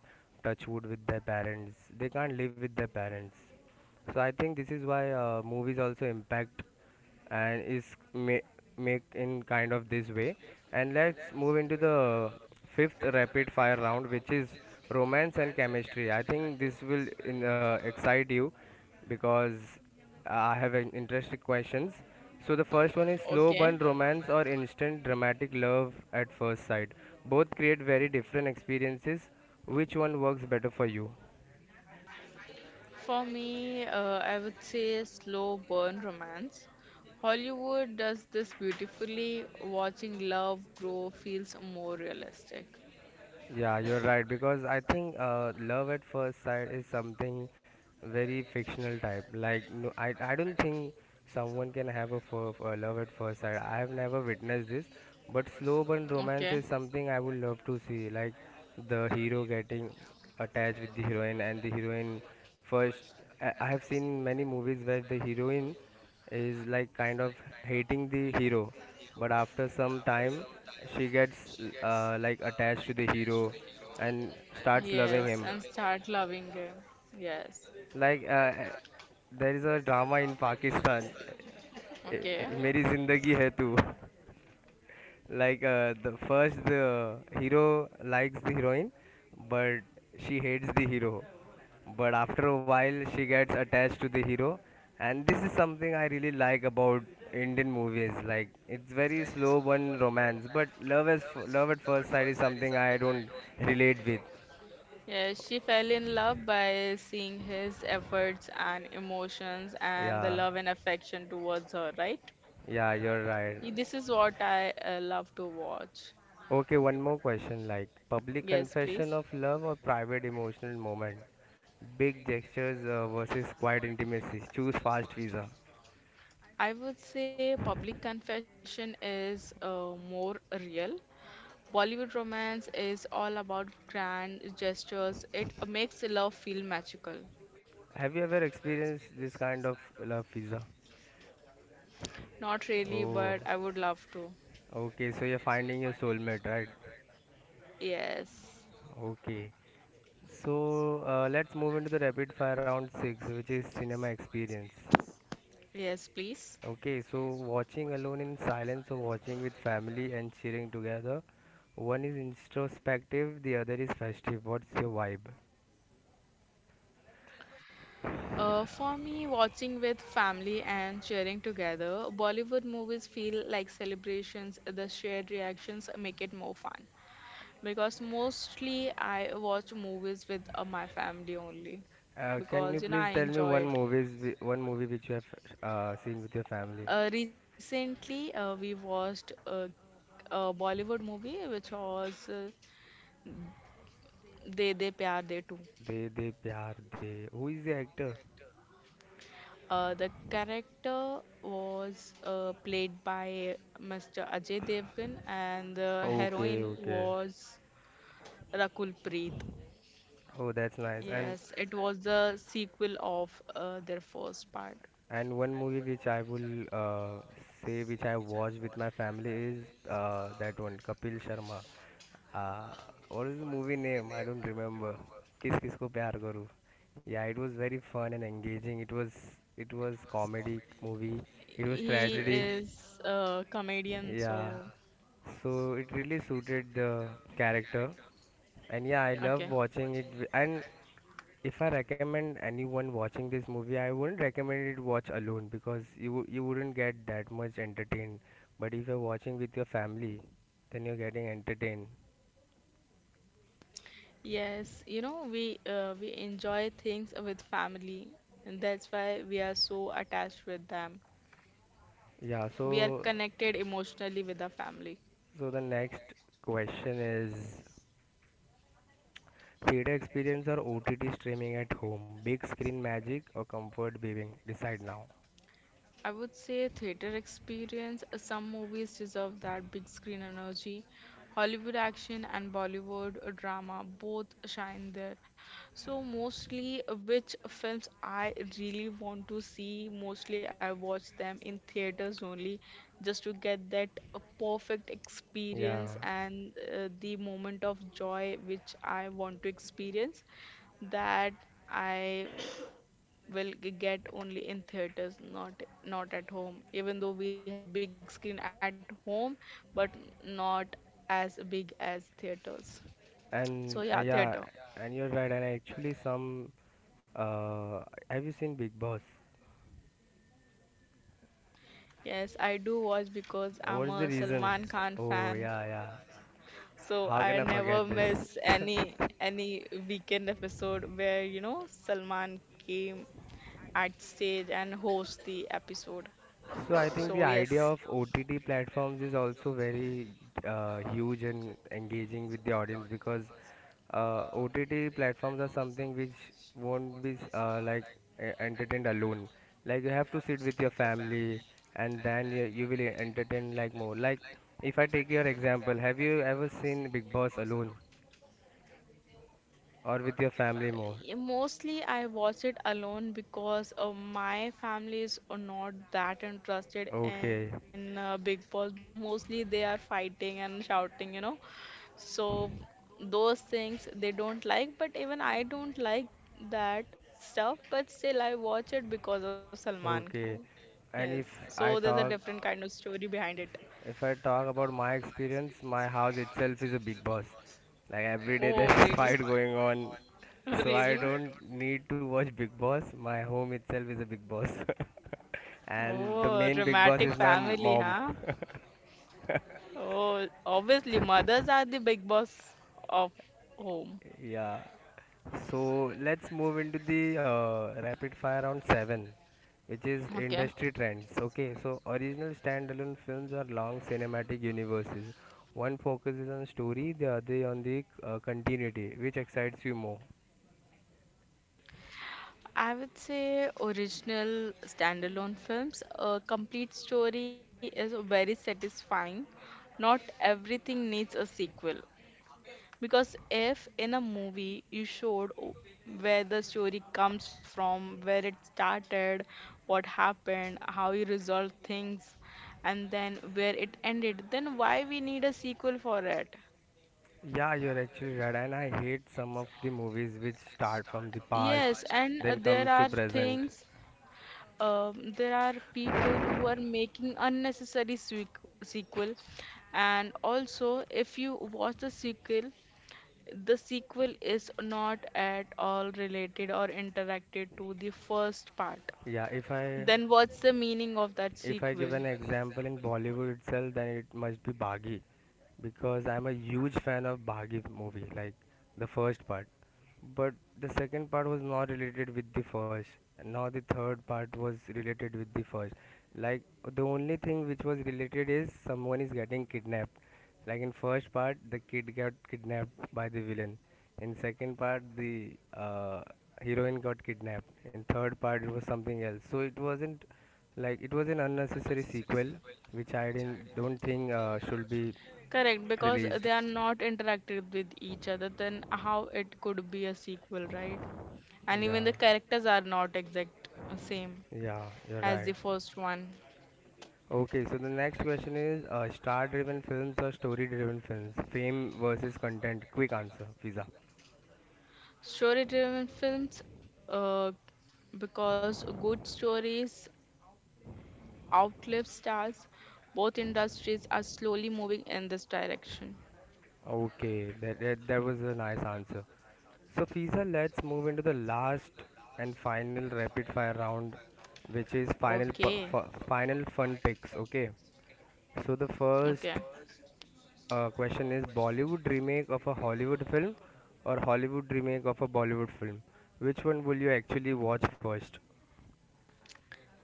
Speaker 1: touch wood with their parents, they can't live with their parents. So I think this is why movies also impact and is make in kind of this way. And let's move into the fifth rapid fire round which is romance and chemistry. I think this will excite you because I have an interesting questions. So the first one is slow
Speaker 2: Okay.
Speaker 1: burn romance or instant dramatic love at first sight. Both create very different experiences. Which one works better for you?
Speaker 2: For me, I would say slow burn romance. Hollywood does this beautifully. Watching love grow feels more realistic.
Speaker 1: Yeah, you're right because I think love at first sight is something very fictional type. Like no, I don't think someone can have a love at first sight. I have never witnessed this, but slow burn romance
Speaker 2: Okay.
Speaker 1: is something I would love to see. Like the hero getting attached with the heroine and the heroine first. I have seen many movies where the heroine is like kind of hating the hero but after some time she gets like attached to the hero and starts
Speaker 2: Yes,
Speaker 1: loving
Speaker 2: and
Speaker 1: him.
Speaker 2: start loving him. Yes.
Speaker 1: Like there is a drama in Pakistan, "Eh,
Speaker 2: Okay.
Speaker 1: eh, meri zindagi hai tu." Like the hero likes the heroine but she hates the hero but after a while she gets attached to the hero. And this is something I really like about Indian movies. Like it's very slow burn romance but love at first sight is something I don't relate with.
Speaker 2: Yes, she fell in love by seeing his efforts and emotions and the
Speaker 1: Yeah,
Speaker 2: love and affection towards her, right?
Speaker 1: yeah, you're right.
Speaker 2: This is what I love to watch.
Speaker 1: Okay, one more question like public
Speaker 2: Yes,
Speaker 1: confession
Speaker 2: please.
Speaker 1: of love or private emotional moment? Big gestures versus quiet intimacy. Choose fast, visa.
Speaker 2: I would say public confession is more real. Bollywood romance is all about grand gestures. It makes love feel magical.
Speaker 1: Have you ever experienced this kind of love, visa?
Speaker 2: Not really,
Speaker 1: Oh,
Speaker 2: but I would love to.
Speaker 1: okay, so you're finding your soulmate, right?
Speaker 2: Yes.
Speaker 1: Okay. So let's move into the rapid fire round 6, which is cinema experience.
Speaker 2: Yes, please.
Speaker 1: Okay, so watching alone in silence or watching with family and cheering together, one is introspective, the other is festive. What's your vibe?
Speaker 2: For me, watching with family and cheering together, Bollywood movies feel like celebrations. The shared reactions make it more fun, because mostly I watch movies with my family only
Speaker 1: Can you
Speaker 2: because you know I
Speaker 1: please tell me
Speaker 2: enjoy it.
Speaker 1: one movie which you have seen with your family?
Speaker 2: Recently, we watched a Bollywood movie which was "De De Pyar De Too."
Speaker 1: De De Pyar De. Who is the actor?
Speaker 2: The character was played by Mr. Ajay Devgan, and the
Speaker 1: Okay,
Speaker 2: heroine
Speaker 1: okay.
Speaker 2: was Rakul Preet.
Speaker 1: Oh, that's nice. And
Speaker 2: Yes, it was the sequel of their first part.
Speaker 1: And one movie which I will say which I watched with my family is that one Kapil Sharma. Uh, what is the movie name? I don't remember. Kiss Kisko Pyar Karu. Yeah, it was very fun and engaging. It was comedy movie. It was tragedy.
Speaker 2: Is a comedian,
Speaker 1: Yeah.
Speaker 2: so
Speaker 1: So it really suited the character, and yeah, I love
Speaker 2: okay.
Speaker 1: watching it. And if I recommend anyone watching this movie, I wouldn't recommend it watch alone because you wouldn't get that much entertained. But if you're watching with your family, then you're getting entertained.
Speaker 2: Yes, you know, we enjoy things with family, and that's why we are so attached with them.
Speaker 1: Yeah.
Speaker 2: We are
Speaker 1: So
Speaker 2: connected emotionally with our family.
Speaker 1: so the next question is: theater experience or OTT streaming at home? Big screen magic or comfort viewing? Decide now.
Speaker 2: I would say theater experience. Some movies deserve that big screen energy. Hollywood action and Bollywood drama both shine there. So mostly which films I really want to see, mostly I watch them in theaters only just to get that perfect
Speaker 1: Yeah.
Speaker 2: experience and the moment of joy which I want to experience, that I will get only in theaters, not at home. Even though we have a big screen at home, but not as big as theaters. So
Speaker 1: And
Speaker 2: yeah, theater.
Speaker 1: you're right. And actually, some uh, have you seen Big Boss?
Speaker 2: Yes, I do watch because
Speaker 1: What
Speaker 2: I'm
Speaker 1: is the
Speaker 2: a
Speaker 1: reason?
Speaker 2: Salman Khan
Speaker 1: Oh,
Speaker 2: fan.
Speaker 1: yeah, yeah.
Speaker 2: So
Speaker 1: How
Speaker 2: I
Speaker 1: can I
Speaker 2: never
Speaker 1: forget this?
Speaker 2: miss any any weekend episode where, you know, Salman came at stage and host the episode.
Speaker 1: So I think the
Speaker 2: So yes.
Speaker 1: idea of OTT platforms is also very huge and engaging with the audience because OTT platforms are something which won't be entertained alone. Like you have to sit with your family and then you will entertain like more. Like if I take your example, have you ever seen Big Boss alone or with your family more?
Speaker 2: Yeah, mostly I watch it alone because my family is not that interested in
Speaker 1: Okay,
Speaker 2: Big Boss because mostly they are fighting and shouting, you know. So those things they don't like, but even I don't like that stuff, but still I watch it because of Salman Khan.
Speaker 1: okay.
Speaker 2: Yes.
Speaker 1: And
Speaker 2: So
Speaker 1: I
Speaker 2: there's a
Speaker 1: talk
Speaker 2: different kind of story behind it.
Speaker 1: if I talk about my experience, my house itself is a big boss. Like every day there
Speaker 2: Oh,
Speaker 1: is
Speaker 2: really really?
Speaker 1: fight going on.
Speaker 2: So
Speaker 1: So
Speaker 2: really?
Speaker 1: I don't need to watch Big Boss. My home itself is a big boss. And the
Speaker 2: Oh,
Speaker 1: main big boss
Speaker 2: dramatic
Speaker 1: is my
Speaker 2: family,
Speaker 1: mom.
Speaker 2: huh? Oh, obviously, mothers are the big boss of home.
Speaker 1: Yeah. So let's move into the rapid fire round 7, which is
Speaker 2: Okay.
Speaker 1: industry trends. Okay, so original standalone films are long cinematic universes. One focuses on story, the other on the continuity. Which excites you more?
Speaker 2: I would say original standalone films. A complete story is very satisfying. Not everything needs a sequel. Because if in a movie you showed where the story comes from, where it started, what happened, how you resolved things, and then where it ended, then why we need a sequel for it?
Speaker 1: Yeah, you're actually right. And I hate some of the movies which start from the past,
Speaker 2: Yes, and
Speaker 1: then comes
Speaker 2: there
Speaker 1: to
Speaker 2: are
Speaker 1: present.
Speaker 2: things, there are people who are making unnecessary sequ sequel, and also if you watch the sequel is not at all related or interacted to the first part.
Speaker 1: Yeah, if I
Speaker 2: Then what's the meaning of that If I
Speaker 1: If I
Speaker 2: sequel?
Speaker 1: give an example in Bollywood itself, then it must be Bhagi because I'm a huge fan of Bhagi movie, like the first part. But the second part was not related with the first, nor the third part was related with the first. Like the only thing which was related is someone is getting kidnapped. Like in first part, the kid got kidnapped by the villain. In second part, the heroine got kidnapped. In third part, it was something else. So it wasn't like it was an unnecessary sequel, which I didn't don't think should be
Speaker 2: Correct, because they
Speaker 1: released.
Speaker 2: are not interactive with each other, then how it could be a sequel, right? And even
Speaker 1: Yeah,
Speaker 2: the characters are not exact same
Speaker 1: yeah, you're
Speaker 2: as
Speaker 1: right.
Speaker 2: the first one.
Speaker 1: Okay, so the next question is: star-driven films or story-driven films? Fame versus content. Quick answer, Fiza.
Speaker 2: Story-driven films, uh, because good stories outlive stars, both industries are slowly moving in this direction.
Speaker 1: Okay, that that was a nice answer. So Fiza, let's move into the last and final rapid-fire round, which is
Speaker 2: Okay,
Speaker 1: final fun picks. Okay. So the
Speaker 2: okay.
Speaker 1: first question is: Bollywood remake of a Hollywood film or Hollywood remake of a Bollywood film? Which one will you actually watch first?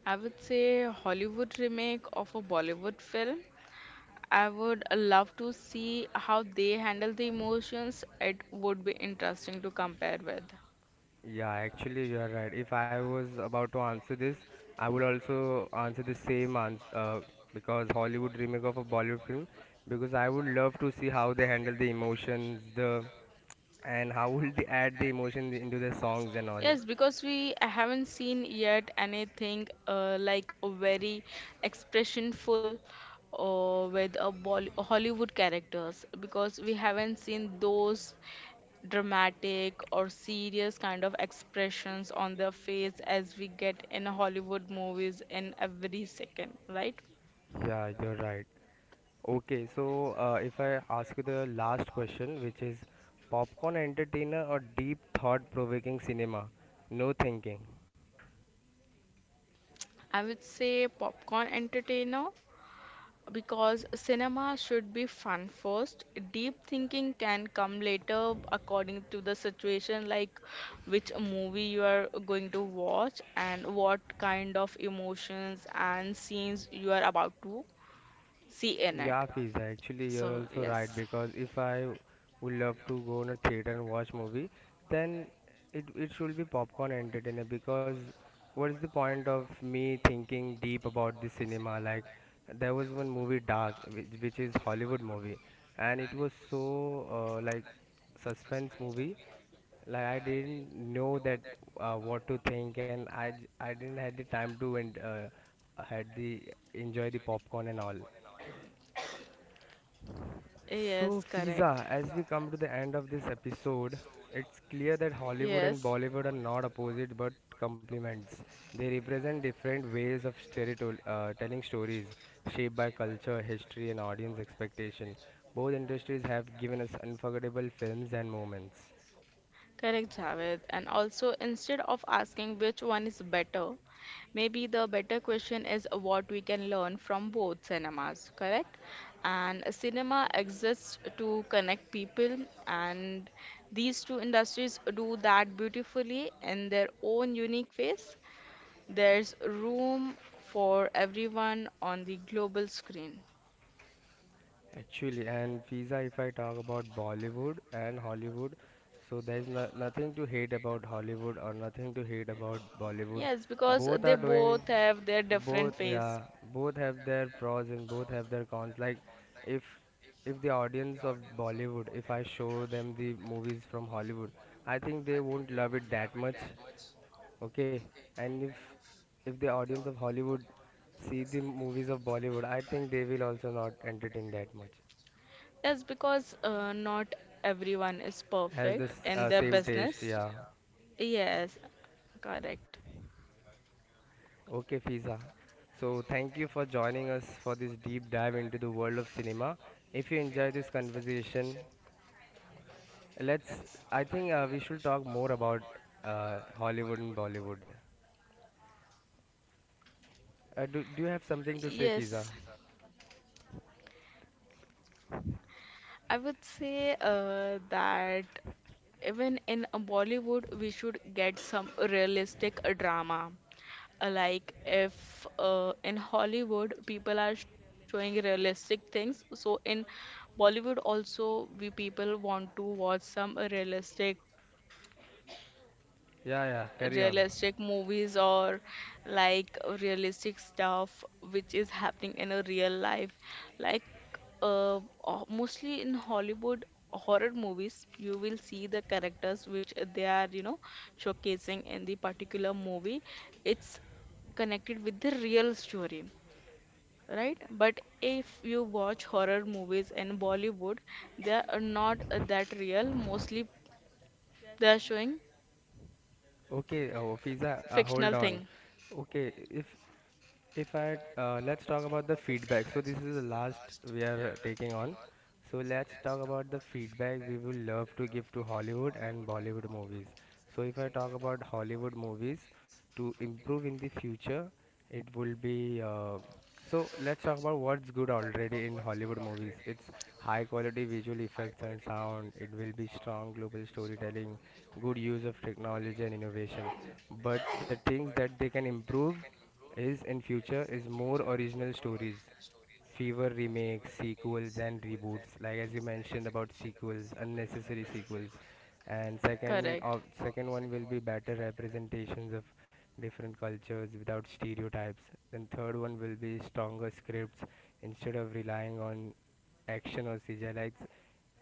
Speaker 2: I would say Hollywood remake of a Bollywood film. I would love to see how they handle the emotions. It would be interesting to compare with.
Speaker 1: Yeah, actually, you are right. If I was about to answer this, I would also answer the same answer because Hollywood remake of a Bollywood film, because I would love to see how they handle the emotions, the and how will they add the emotion into their songs and all.
Speaker 2: Yes, because we haven't seen yet anything like a very expressionful with a Bolly Hollywood characters because we haven't seen those dramatic or serious kind of expressions on their face as we get in Hollywood movies in every second, right?
Speaker 1: Yeah, you're right. Okay, so if I ask you the last question, which is popcorn entertainer or deep thought provoking cinema? No thinking.
Speaker 2: I would say popcorn entertainer because cinema should be fun first. Deep thinking can come later according to the situation, like which movie you are going to watch and what kind of emotions and scenes you are about to see in
Speaker 1: Yeah,
Speaker 2: it.
Speaker 1: Fiza, actually you're
Speaker 2: So,
Speaker 1: also right
Speaker 2: yes.
Speaker 1: because if I would love to go on a theater and watch movie, then it should be popcorn entertainer because what is the point of me thinking deep about the cinema? Like there was one movie Dark, which is Hollywood movie, and it was so suspense movie like I didn't know that what to think, and I didn't had the time to and had the enjoy the popcorn and all.
Speaker 2: Yes,
Speaker 1: So,
Speaker 2: correct.
Speaker 1: Fiza, as we come to the end of this episode, it's clear that Hollywood
Speaker 2: Yes.
Speaker 1: and Bollywood are not opposite but complements. They represent different ways of telling stories, shaped by culture, history, and audience expectation. Both industries have given us unforgettable films and moments.
Speaker 2: Correct, Javed. And also, instead of asking which one is better, maybe the better question is what we can learn from both cinemas, correct? And a cinema exists to connect people, and these two industries do that beautifully in their own unique ways. There's room for everyone on the global screen.
Speaker 1: Actually, and Fiza, if I talk about Bollywood and Hollywood, so there's no- nothing to hate about Hollywood or nothing to hate about Bollywood.
Speaker 2: Yes, because
Speaker 1: Both are
Speaker 2: they
Speaker 1: doing
Speaker 2: both have their
Speaker 1: both
Speaker 2: different ways.
Speaker 1: yeah both have their pros and both have their cons. Like if if the audience of Bollywood, if I show them the movies from Hollywood, I think they won't love it that much. Okay. And if the audience of Hollywood see the movies of Bollywood, I think they will also not entertain that much,
Speaker 2: Yes, because not everyone is
Speaker 1: has the
Speaker 2: perfect
Speaker 1: s-
Speaker 2: in
Speaker 1: uh,
Speaker 2: their
Speaker 1: same taste,
Speaker 2: business.
Speaker 1: yeah.
Speaker 2: Yes, correct.
Speaker 1: Okay, Fiza, so thank you for joining us for this deep dive into the world of cinema. If you enjoy this conversation, Let's. I think we should talk more about Hollywood and Bollywood. Do Do you have something to say,
Speaker 2: Yes.
Speaker 1: Fiza?
Speaker 2: I would say that even in a Bollywood, we should get some realistic drama. Like if in Hollywood people are showing realistic things, so in Bollywood also we people want to watch some realistic
Speaker 1: Yeah, yeah, carry on.
Speaker 2: realistic movies or like realistic stuff which is happening in a real life, like uh, mostly in Hollywood horror movies, you will see the characters which they are, you know, showcasing in the particular movie. It's connected with the real story, right? But if you watch horror movies in Bollywood, they are not that real. Mostly they are showing
Speaker 1: Okay, oh, Fiza, hold
Speaker 2: fictional
Speaker 1: on.
Speaker 2: thing.
Speaker 1: Okay, if I let's talk about the feedback. So this is the last we are taking on. So let's talk about the feedback we will love to give to Hollywood and Bollywood movies. So if I talk about Hollywood movies to improve in the future, it will be. So let's talk about what's good already in Hollywood movies. It's high quality visual effects and sound. It will be strong global storytelling, good use of technology and innovation. But the things that they can improve is in future is more original stories. Fewer remakes, sequels and reboots. Like as you mentioned about sequels, unnecessary sequels, and
Speaker 2: Correct.
Speaker 1: second of second one will be better representations of different cultures without stereotypes, then third one will be stronger scripts instead of relying on action or cgi. Like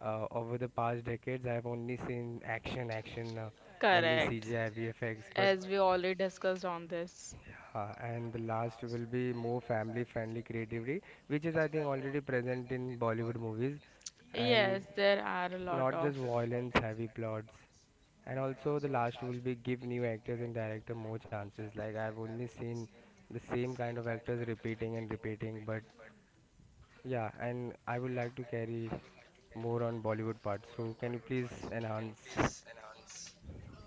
Speaker 1: over the past decades, I have only seen action action only
Speaker 2: Correct.
Speaker 1: cgi vfx. But
Speaker 2: As we already discussed on this.
Speaker 1: and the last will be more family friendly creativity, which is I think already present in Bollywood movies, and
Speaker 2: Yes, there are a lot
Speaker 1: not
Speaker 2: of.
Speaker 1: just violence heavy plots. And also, the last will be give new actors and director more chances. Like I've only seen the same kind of actors repeating and repeating. But yeah, and I would like to carry more on Bollywood part. So can you please enhance?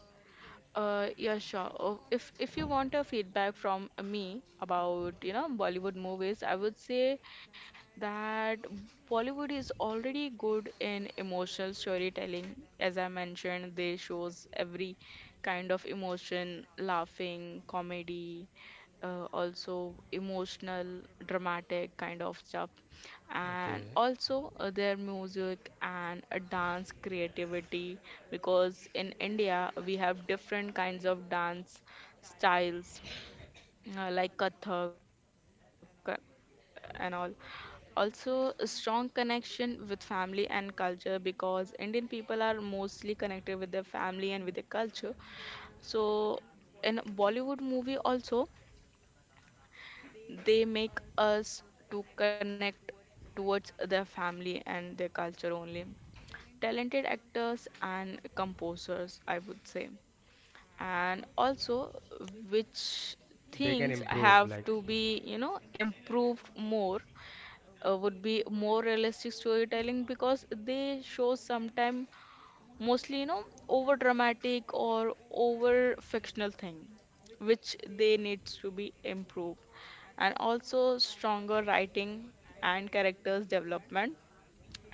Speaker 2: Yeah, sure. Oh, if you want a feedback from me about, you know, Bollywood movies, I would say that Bollywood is already good in emotional storytelling. As I mentioned, they shows every kind of emotion, laughing, comedy, also emotional, dramatic kind of stuff.
Speaker 1: Okay.
Speaker 2: And also their music and dance creativity, because in India we have different kinds of dance styles like Kathak and all. Also, a strong connection with family and culture because Indian people are mostly connected with their family and with their culture. So, in Bollywood movie also, they make us to connect towards their family and their culture only. Talented actors and composers, I would say. And also, which
Speaker 1: They themes can Themes have
Speaker 2: things
Speaker 1: improve.
Speaker 2: have to be, you know, improved more would be more realistic storytelling because they show sometime mostly you know over dramatic or over fictional thing which they needs to be improved, and also stronger writing and characters development,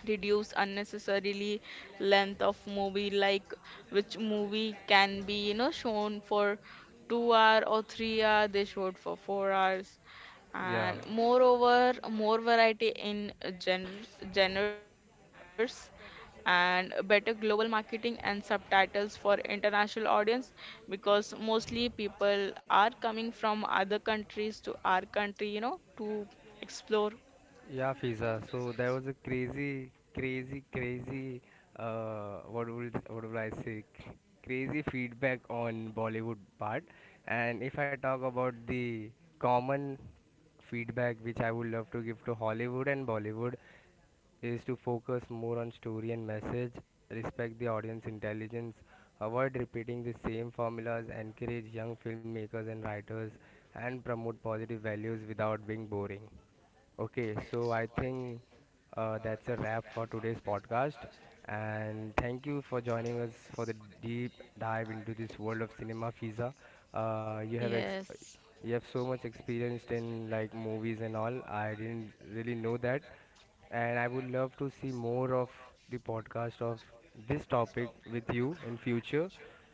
Speaker 2: reduce unnecessarily length of movie, like which movie can be you know shown for 2 hour or 3-hour they showed for 4 hours, and
Speaker 1: Yeah.
Speaker 2: moreover more variety in gen genres and better global marketing and subtitles for international audience because mostly people are coming from other countries to our country, you know, to explore.
Speaker 1: Yeah, Fiza. So there was a crazy, crazy, crazy. What would I say? Crazy feedback on Bollywood part. And if I talk about the common feedback which I would love to give to Hollywood and Bollywood, is to focus more on story and message, respect the audience intelligence, avoid repeating the same formulas, encourage young filmmakers and writers, and promote positive values without being boring. Okay, so I think that's a wrap for today's podcast. And thank you for joining us for the deep dive into this world of cinema, Fiza. Uh, you have ex-
Speaker 2: Yes.
Speaker 1: you have so much experienced in like movies and all. I didn't really know that, and I would love to see more of the podcast of this topic with you in future.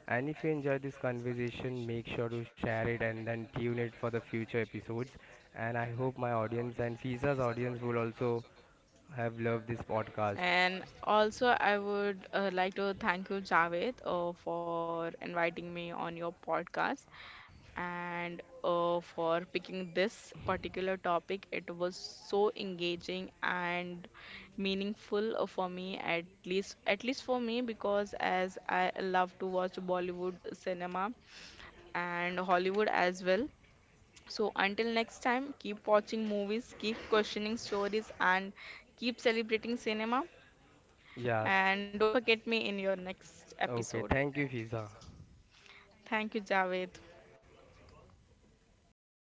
Speaker 1: And if you enjoy this conversation, make sure to share it and then tune it for the future episodes. And I hope my audience and FISA's audience will also have loved this podcast.
Speaker 2: And also, I would like to thank you, Javed, for inviting me on your podcast and for picking this particular topic. It was so engaging and meaningful for me, at least for me, because as I love to watch Bollywood cinema and Hollywood as well. So until next time, keep watching movies, keep questioning stories, and keep celebrating cinema.
Speaker 1: Yeah,
Speaker 2: And don't forget me in your next
Speaker 1: okay.
Speaker 2: episode.
Speaker 1: Thank you, FISA.
Speaker 2: Thank you, Javed.